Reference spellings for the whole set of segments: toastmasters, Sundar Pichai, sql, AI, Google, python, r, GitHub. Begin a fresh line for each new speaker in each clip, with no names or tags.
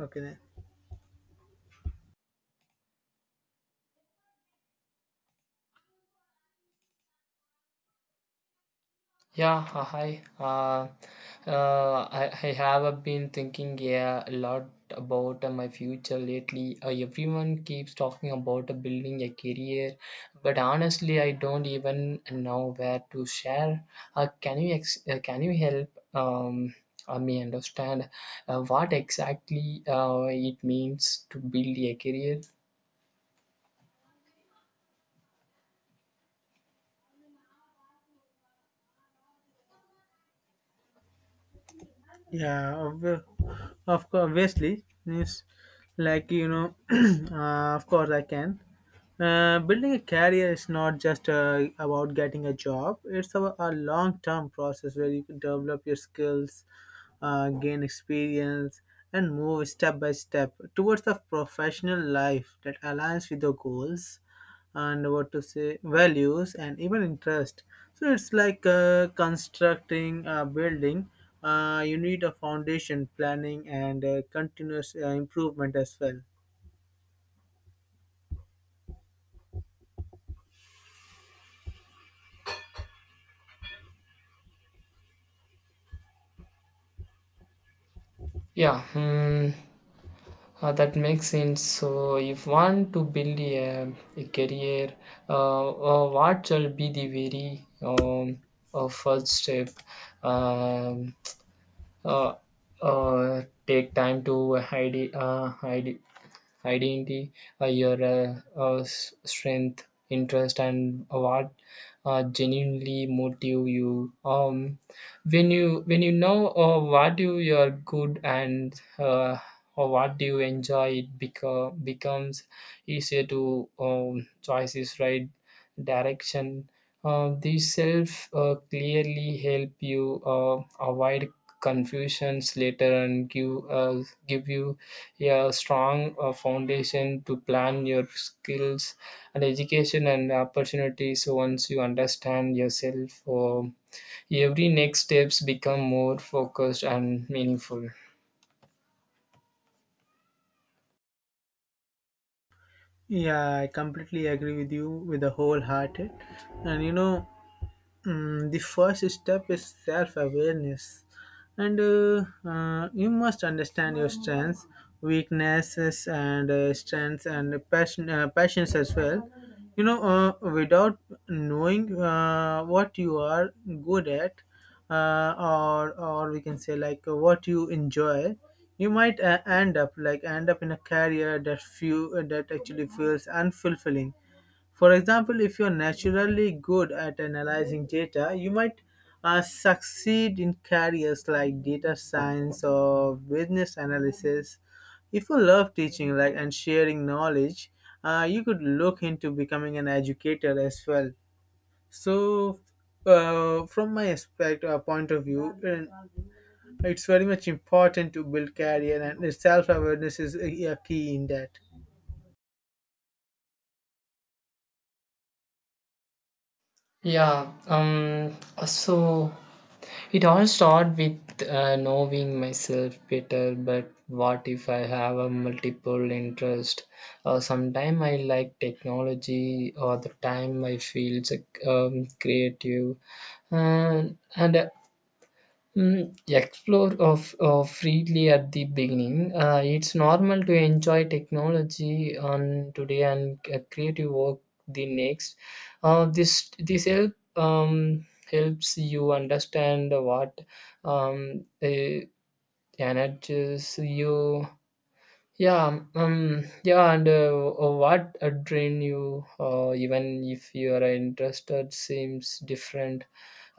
Okay then.
Yeah, hi. I have been thinking a lot about my future lately. Everyone keeps talking about building a career, but honestly, I don't even know where to share. Can you can you help me understand what exactly it means to build a career?
Yeah, of course, obviously, means like you know, of course I can. Building a career is not just about getting a job. It's a long-term process where you can develop your skills, gain experience, and move step by step towards a professional life that aligns with your goals and what to say values and even interest, so it's like constructing a building. You need a foundation planning and continuous improvement as well.
Yeah. Hmm. That makes sense. So, if want to build a career, uh, what shall be the very first step? Um, uh, Take time to hide, hide, hiding the your strength, interest, and what genuinely motive you. When you know what you're good and or what do you enjoy, it becomes easier to choices right direction. These self clearly help you avoid confusions later and give you a strong foundation to plan your skills and education and opportunities. So once you understand yourself, every next steps become more focused and meaningful.
Yeah, I completely agree with you with the whole hearted. And you know Mm, the first step is self awareness, and you must understand your strengths, weaknesses, and strengths and passion, passions as well. You know, without knowing what you are good at, or we can say like what you enjoy, you might end up in a career that actually feels unfulfilling. For example, if you're naturally good at analyzing data, you might succeed in careers like data science or business analysis. If you love teaching and sharing knowledge, you could look into becoming an educator as well. So, from my aspect point of view, it's very much important to build career, and self awareness is a key in that.
Yeah, um, so it all started with knowing myself better, but what if I have a multiple interest? Sometime I like technology, or the time I feel creative, and explore of freely at the beginning. It's normal to enjoy technology on today and creative work the next. This helps you understand what um, uh, energizes you. Yeah, yeah, and What a drain you, even if your interest seems different,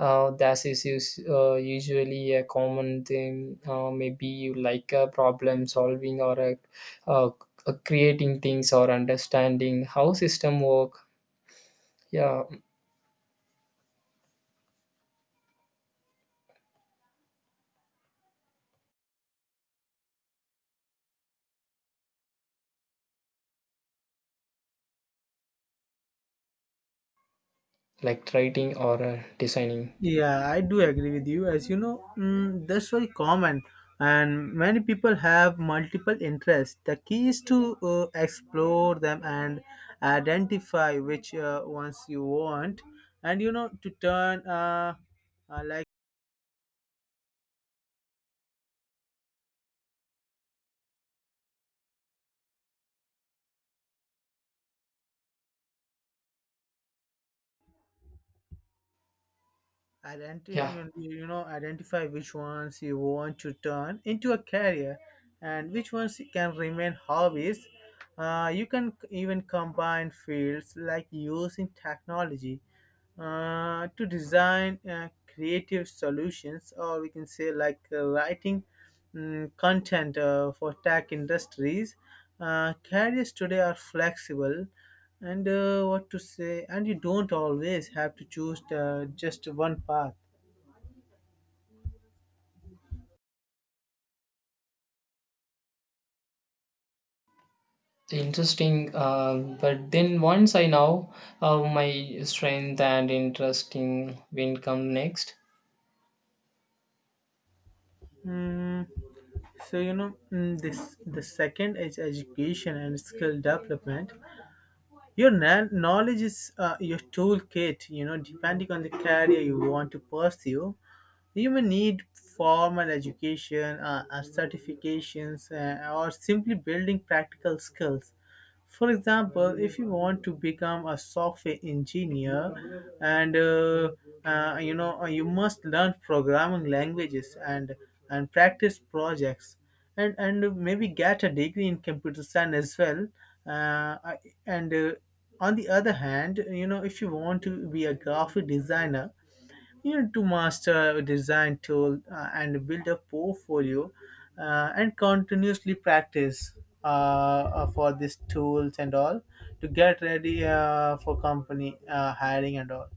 that is usually a common thing. Maybe you like problem solving or uh, creating things or understanding how system work. Yeah, like writing or designing.
Yeah, I do agree with you. As you know, that's very common, and many people have multiple interests. The key is to explore them and identify which ones you want, and you know to turn like identity
Yeah,
you you know identify which ones you want to turn into a career, and which ones can remain hobbies. You can even combine fields like using technology to design creative solutions, or we can say like writing content for tech industries. Careers today are flexible, and what to say, and you don't always have to choose just one path.
interesting. But then once I know my strength and interesting will come next.
Mm, so you know mm, this the second is education and skill development. Your knowledge is your toolkit, depending on the career you want to pursue. You may need formal education, certifications, or simply building practical skills. For example, if you want to become a software engineer, and you must learn programming languages, and practice projects, and maybe get a degree in computer science as well. I- and on the other hand, you know, if you want to be a graphic designer, you know, to master a design tool and build a portfolio and continuously practice for these tools and all, to get ready for company hiring and all.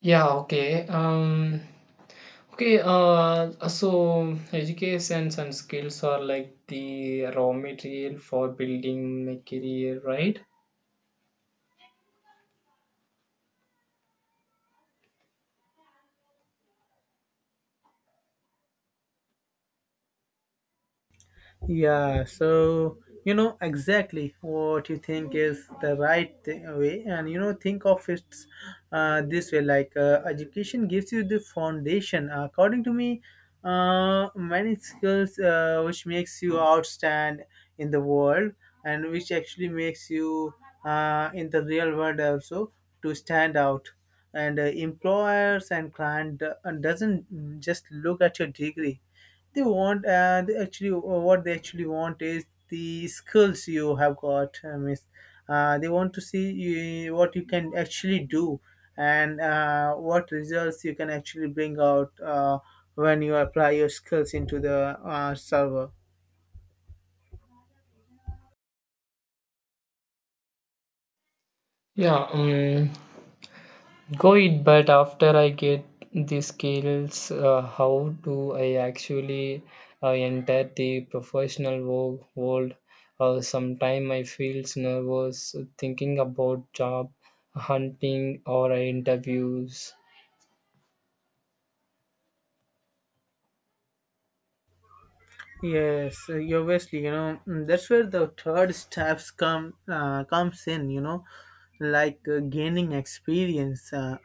Yeah, okay. Okay, so educations and skills are like the raw material for building a career, right?
Yeah, so you know exactly what you think is the right way, and think of it this way, like education gives you the foundation. According to me, many skills which makes you outstand in the world and which actually makes you in the real world also to stand out. And employers and client doesn't just look at your degree, they want, and actually what they actually want is the skills you have got miss, they want to see you, what you can actually do, and what results you can actually bring out when you apply your skills into the server.
Yeah, um, Go it, but after I get the skills, how do I actually enter the professional world? Sometimes I feel nervous thinking about job hunting or interviews.
Yes, you obviously, that's where the third steps come comes in, like gaining experience,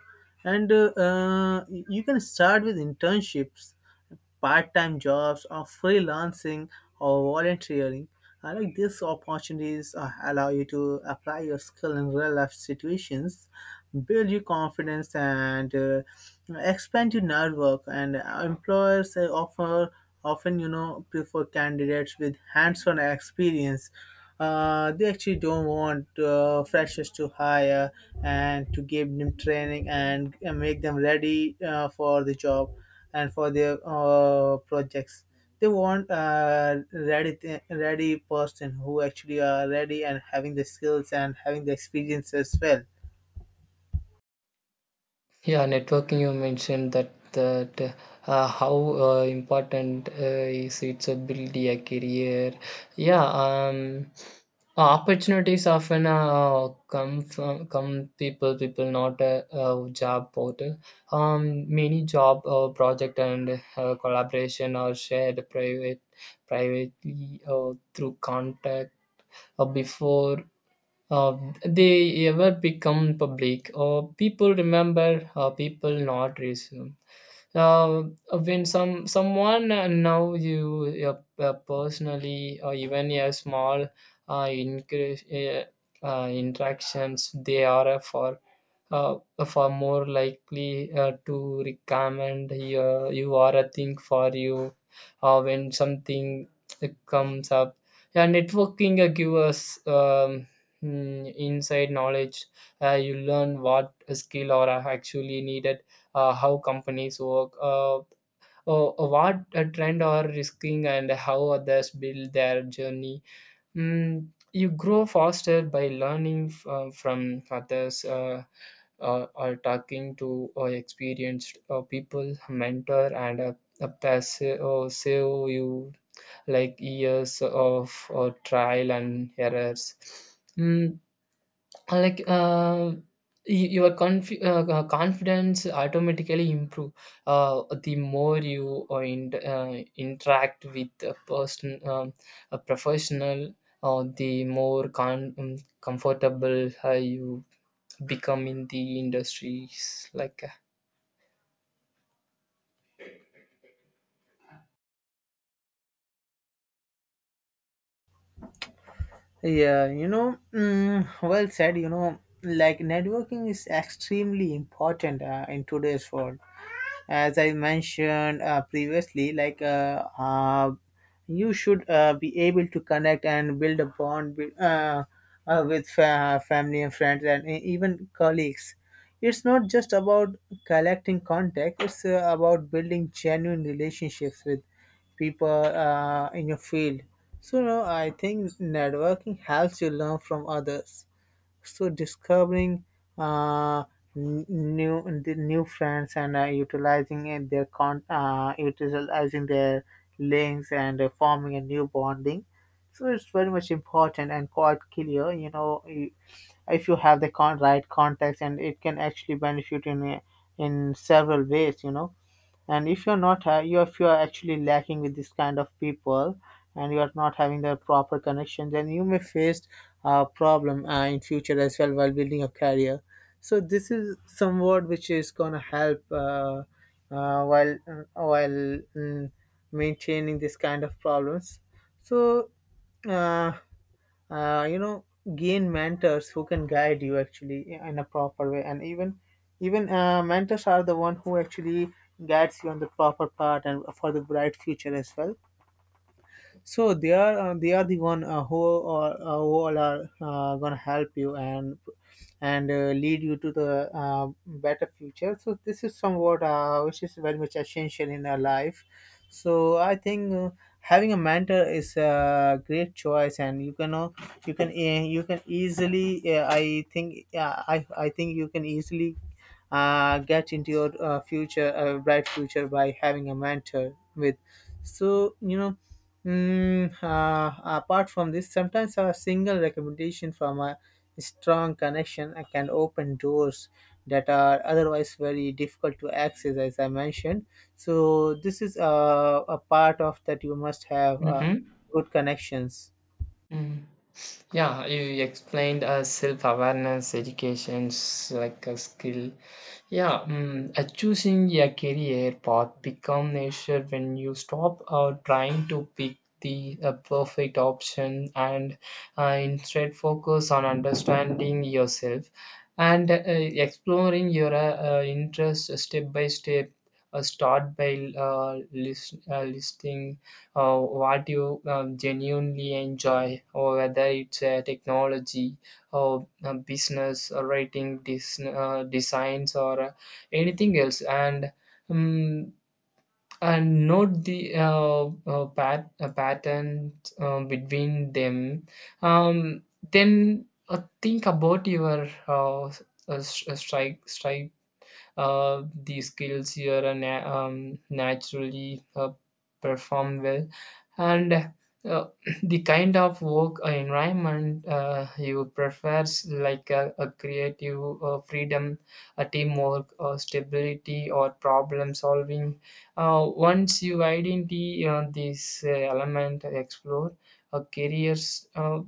and you can start with internships, part-time jobs, or freelancing, or volunteering. I like these opportunities allow you to apply your skill in real life situations, build your confidence, and expand your network. And employers offer often, prefer candidates with hands-on experience. They actually don't want freshers to hire and to give them training, and make them ready for the job and for their projects. They want a ready ready person who actually are ready and having the skills and having the experience as well.
Yeah, networking you mentioned that how important is it to build a career? Yeah, um, Opportunities often come from come people not job portal. Many job project and collaboration are shared privately through contact. Before uh, they ever become public or people remember people not resume uh, when someone know you uh, personally or even a small increase, interactions they are uh, for more likely to recommend you, you are a thing for you when something comes up. Yeah, networking give us inside knowledge. You learn what skill are actually needed, how companies work, what a trend are risking, and how others build their journey. You grow faster by learning from others. Or talking to experienced people, mentor, and a passive save you like years of trial and errors. Mm, like y- your conf- confidence automatically improve the more you interact with a person, a professional, or the more comfortable you become in the industries like.
Yeah, well said. You know, like networking is extremely important in today's world, as I mentioned previously, like you should be able to connect and build a bond with, family and friends, and even colleagues. It's not just about collecting contact; it's about building genuine relationships with people in your field. So, no, I think networking helps you learn from others, so discovering uh, new friends, and utilizing their links, and forming a new bonding, so it's very much important and quite clear, if you have the right contacts, and it can actually benefit in several ways, and if you're not ha- you if you're actually lacking with this kind of people, and you're not having the proper connection, then you may face a problem in future as well while building a career. So this is some word which is going to help while maintaining this kind of problems. So uh, uh, you know gain mentors who can guide you actually in a proper way, and even mentors are the one who actually guides you on the proper path and for the bright future as well. So they are the one who all are gonna help you, and lead you to the better future. So this is somewhat which is very much essential in our life. So I think having a mentor is a great choice, and you can easily I think you can easily get into your future bright future by having a mentor with. So you know apart from this, sometimes a single recommendation from a strong connection can open doors that are otherwise very difficult to access, as I mentioned. So this is a part of that you must have
Mhm.
good connections.
Mm. Yeah, you explained self awareness, educations like a skill. Yeah, choosing a career path become nature when you stop trying to pick the perfect option and instead focus on understanding yourself and exploring your interest step by step. Start by listing what you genuinely enjoy, or whether it's technology, or business, or writing, designs, or anything else. Um, and note the pattern between them. Um, then think about your s- strike strike the skills here are naturally perform well and, the kind of work environment you prefers like a creative freedom, a teamwork stability or problem solving. Uh, once you identify this element, explore a careers uh,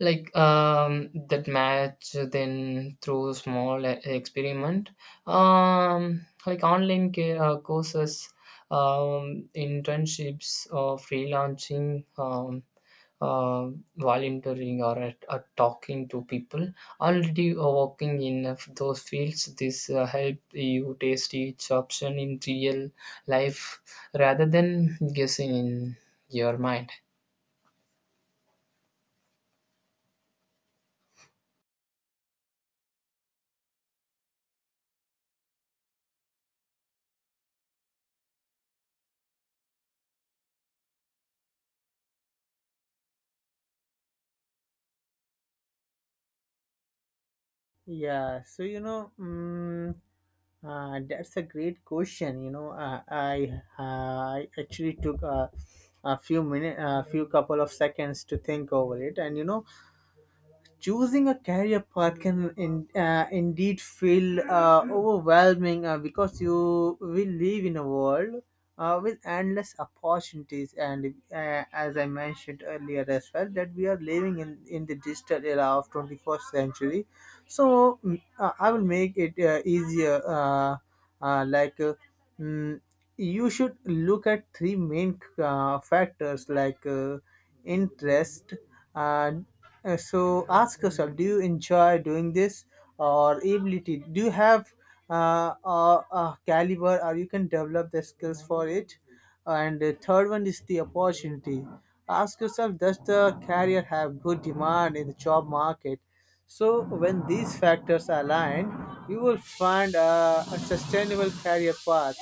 like um that match then through small experiment, like online courses, internships or freelancing, uh, volunteering or at talking to people already working in those fields. This help you taste each option in real life rather than guessing in your mind.
Yeah, so that's a great question. You know, I actually took a few couple of seconds to think over it, and choosing a career path can indeed feel overwhelming because you will live in a world with endless opportunities, and as I mentioned earlier as well, that we are living in the digital era of 21st century. So I will make it easier. Uh, uh, like uh, mm, you should look at three main factors, like interest, uh, so ask yourself, do you enjoy doing this? Or ability, do you have a caliber, or you can develop the skills for it? And the third one is the opportunity: ask yourself, does the career have good demand in the job market? So when these factors align, you will find a sustainable career path.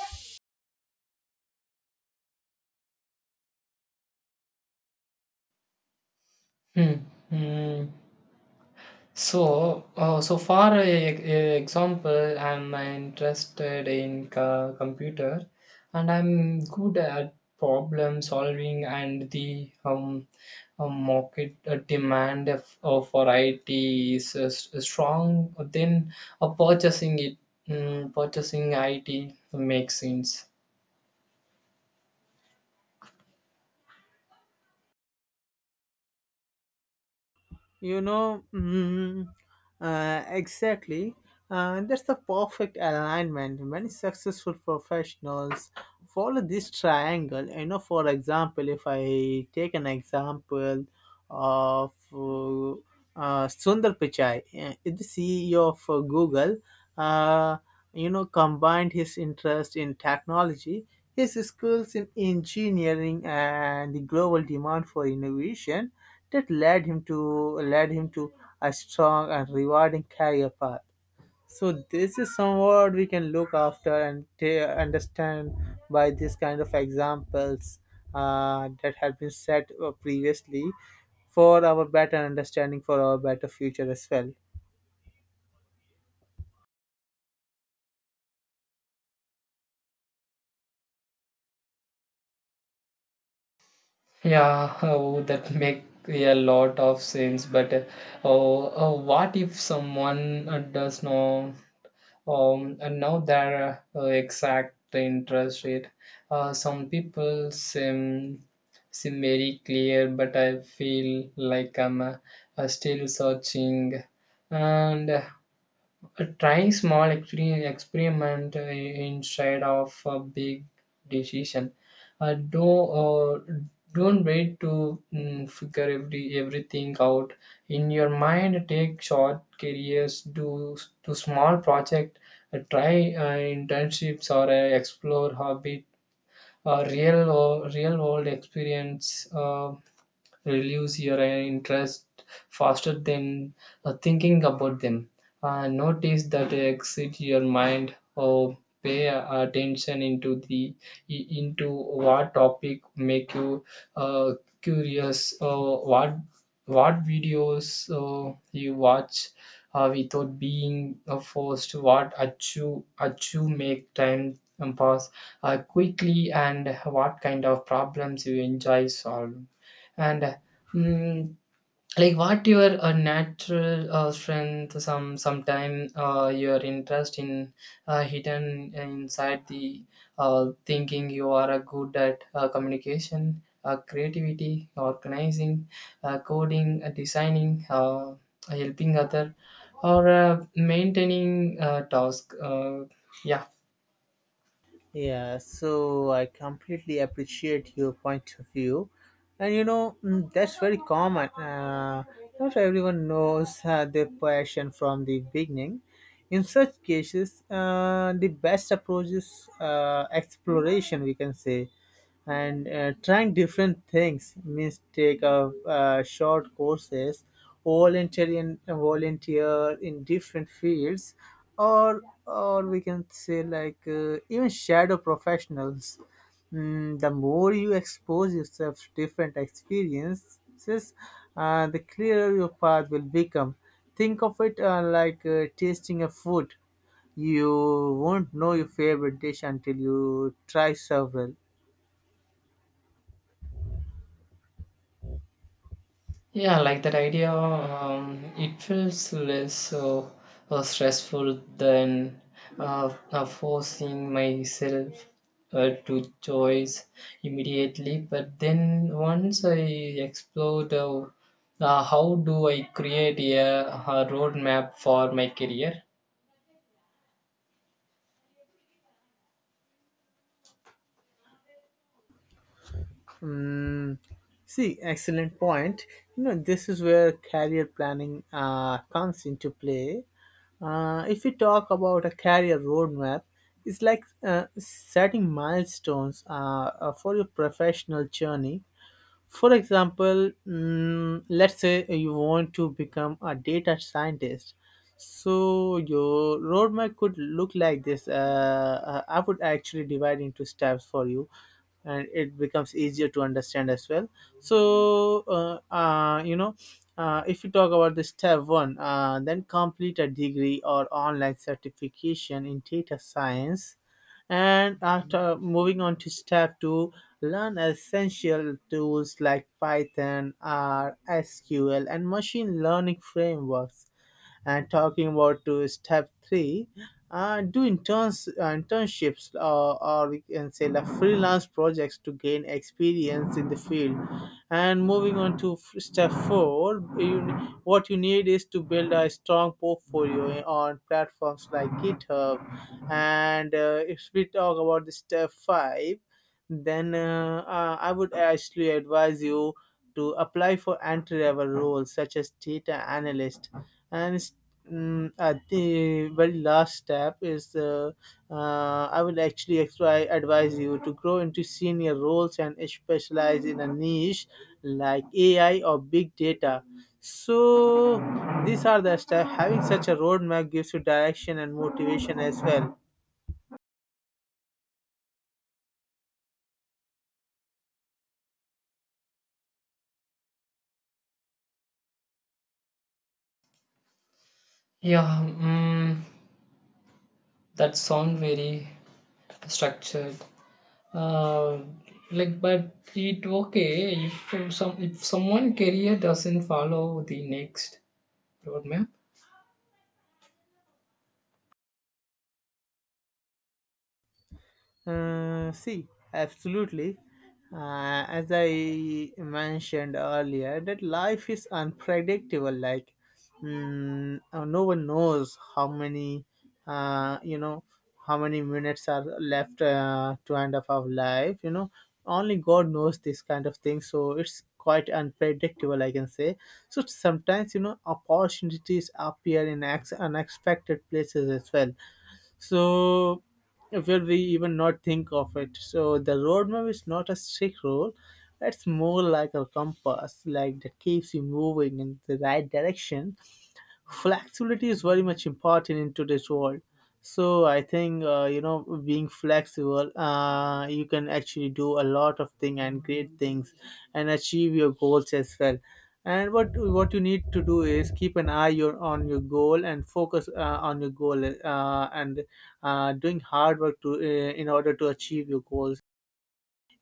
Hmm. Hmm. So, so for a example, I'm interested in computer, and I'm good at problem solving and the market demand of for IT is strong. Then, uh, purchasing it, purchasing IT makes sense.
You know, mm, exactly. That's the perfect alignment. Many successful professionals follow this triangle. You know, for example, if I take an example of Sundar Pichai, the CEO of Google, uh, you know, combined his interest in technology, his skills in engineering, and the global demand for innovation that led him to a strong and rewarding career path. So this is somewhat we can look after and understand by this kind of examples that have been set previously for our better understanding, for our better future as well.
Yeah, oh, that make a lot of sense. But oh, what if someone does know? And now their exact interest rate. Some people seem very clear, but I feel like I'm still searching. And trying small experiment instead of a big decision. Uh, don't uh, don't wait to figure everything out in your mind. Take short careers, do small project, try internships or explore hobby. Real world experience. Relives your interest faster than thinking about them. Notice that exit your mind or pay attention into into what topic make you uh, curious, or what videos you watch without being forced, what achieve make time pass quickly and what kind of problems you enjoy solve. And mm, like what your natural strength, sometime your interest in hidden inside the thinking you are good at communication, creativity, organizing, coding, designing, helping other, or maintaining task. Yeah.
Yeah, so I completely appreciate your point of view. And that's very common. Not everyone knows their passion from the beginning. In such cases, the best approach is exploration, we can say, and trying different things means take a short courses, volunteer in different fields, or we can say like even shadow professionals. The more you expose yourself to different experiences, the clearer your path will become. Think of it like tasting a food. You won't know your favorite dish until you try several.
Yeah, I like that idea. It feels less so stressful than forcing myself to choice immediately. But then once I explored, how do I create a roadmap for my career?
Mm, see, excellent point. You know, this is where career planning comes into play. If we talk about a career roadmap, it's like setting milestones for your professional journey. For example, let's say you want to become a data scientist. So your roadmap could look like this. I would actually divide into steps for you, and it becomes easier to understand as well. So if you talk about the step one, then complete a degree or online certification in data science. And after moving on to step two, learn essential tools like python r sql and machine learning frameworks. And talking about to step three, do internships or we can say the freelance projects to gain experience in the field. And moving on to step four, what you need is to build a strong portfolio on platforms like GitHub. And if we talk about the step five, then I would actually advise you to apply for entry-level roles such as data analyst. And it's, at the very last step is I would actually advise you to grow into senior roles and specialize in a niche like AI or big data. So these are the steps. Having such a roadmap gives you direction and motivation as well.
yeah, mm, that sounds very structured, uh, like, but it okay if some if someone career doesn't follow the next roadmap.
See, absolutely. As I mentioned earlier, that life is unpredictable. No one knows how many, uh, you know, how many minutes are left to end up our life. You know, only God knows this kind of thing. So it's quite unpredictable, I can say. So sometimes, you know, opportunities appear in unexpected places as well, so where we even not think of it. So the roadmap is not a strict rule, it's more like a compass like that keeps you moving in the right direction. Flexibility is very much important in today's world. So I think, being flexible, you can actually do a lot of thing and great things and achieve your goals as well. And what you need to do is keep an eye on your goal and focus on your goal and doing hard work to in order to achieve your goals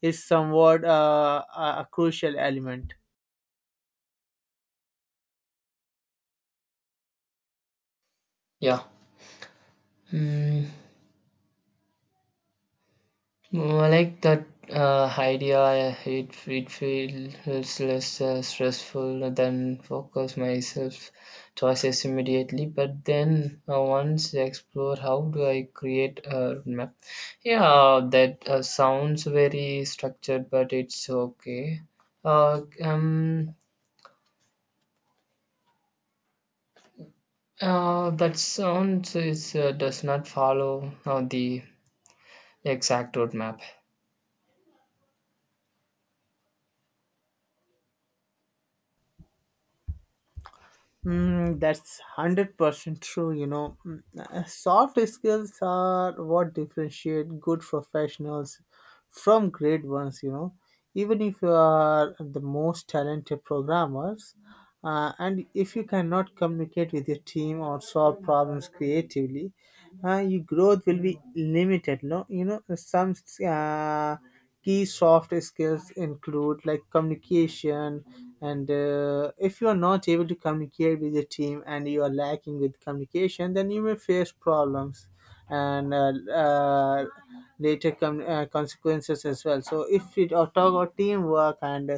is somewhat a crucial element.
yeah Mm, I like that idea. It feels less stressful than focus myself choices immediately. But then once I explore, how do I create a roadmap? Yeah, that sounds very structured, but it's okay. Uh, um, that sounds is does not follow the exact roadmap.
Mm, that's 100% true. You know, soft skills are what differentiate good professionals from great ones. You know, even if you are the most talented programmers, and if you cannot communicate with your team or solve problems creatively, your growth will be limited. No, you know, some uh, key soft skills include like communication. And if you are not able to communicate with the team and you are lacking with communication, then you may face problems and later consequences as well. So if we talk about teamwork and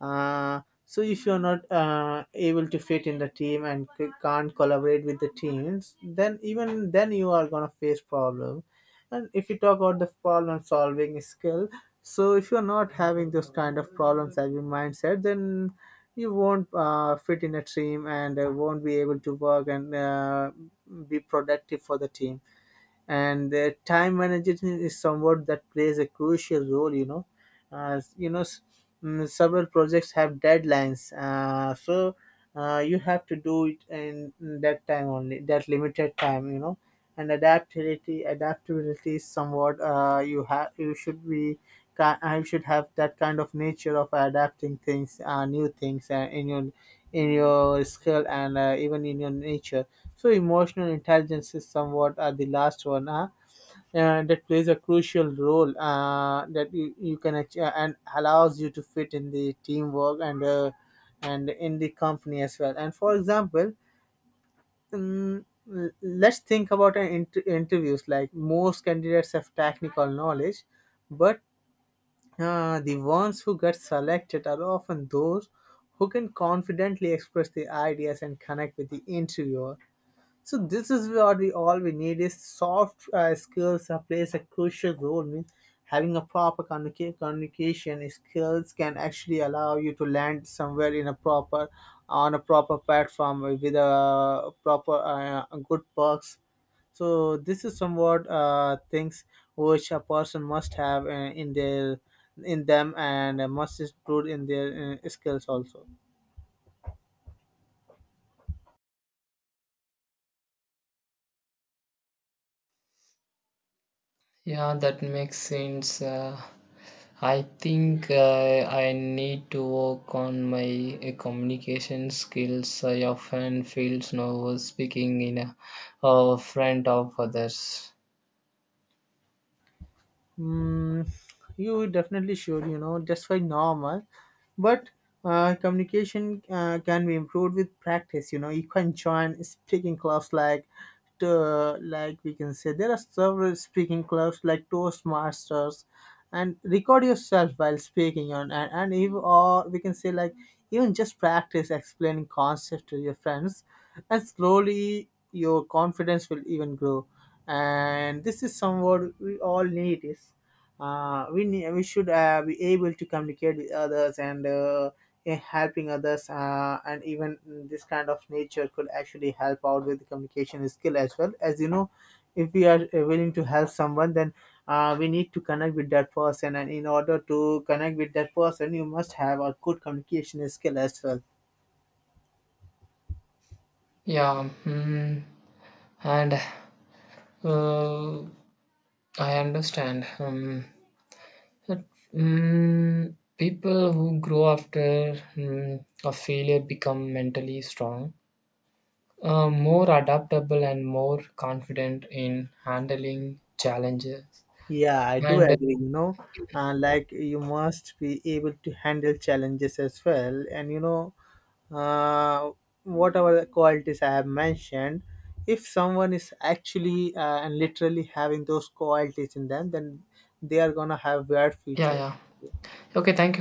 so if you're not able to fit in the team and can't collaborate with the teams, then even then you are gonna face problem. And if you talk about the problem solving skill, so if you're not having those kind of problem solving mindset, then you won't fit in a team and won't be able to work and be productive for the team. And the time management is somewhat that plays a crucial role, you know, uh, you know s- several projects have deadlines, so you have to do it in that time only, that limited time, you know. And adaptability is somewhat, you have you should be I should have that kind of nature of adapting things, new things in your skill and even in your nature. So emotional intelligence is somewhat the last one. Huh? And that plays a crucial role, that you can achieve and allows you to fit in the teamwork and in the company as well. And for example, mm, let's think about an interviews, like most candidates have technical knowledge, but the ones who get selected are often those who can confidently express the ideas and connect with the interviewer. So this is what we all we need is soft skills plays a crucial role. Means having a proper communication skills can actually allow you to land somewhere in a proper on a proper platform with a proper good perks. So this is somewhat things which a person must have in their in them and must include in their skills also.
Yeah, that makes sense. I think I need to work on my communication skills. I often feel nervous speaking in front of others.
Mm, you definitely should, you know, just by normal. But communication can be improved with practice, you know. You can join speaking clubs like like we can say there are several speaking clubs like toastmasters, and record yourself while speaking on and if, or we can say like, even just practice explaining concepts to your friends, and slowly your confidence will even grow. And this is somewhat we all need is, we should be able to communicate with others and helping others and even this kind of nature could actually help out with the communication skill as well, as you know, if we are willing to help someone, then we need to connect with that person, and in order to connect with that person you must have a good communication skill as well.
Yeah, mm, and uh, I understand. But people who grow after a failure become mentally strong, more adaptable, and more confident in handling challenges.
Yeah, I do
And
agree, you know, like you must be able to handle challenges as well. And, you know, uh, whatever the qualities I have mentioned, if someone is actually and literally having those qualities in them, then they are going to have bright
yeah,
future.
yeah. Okay, thank you.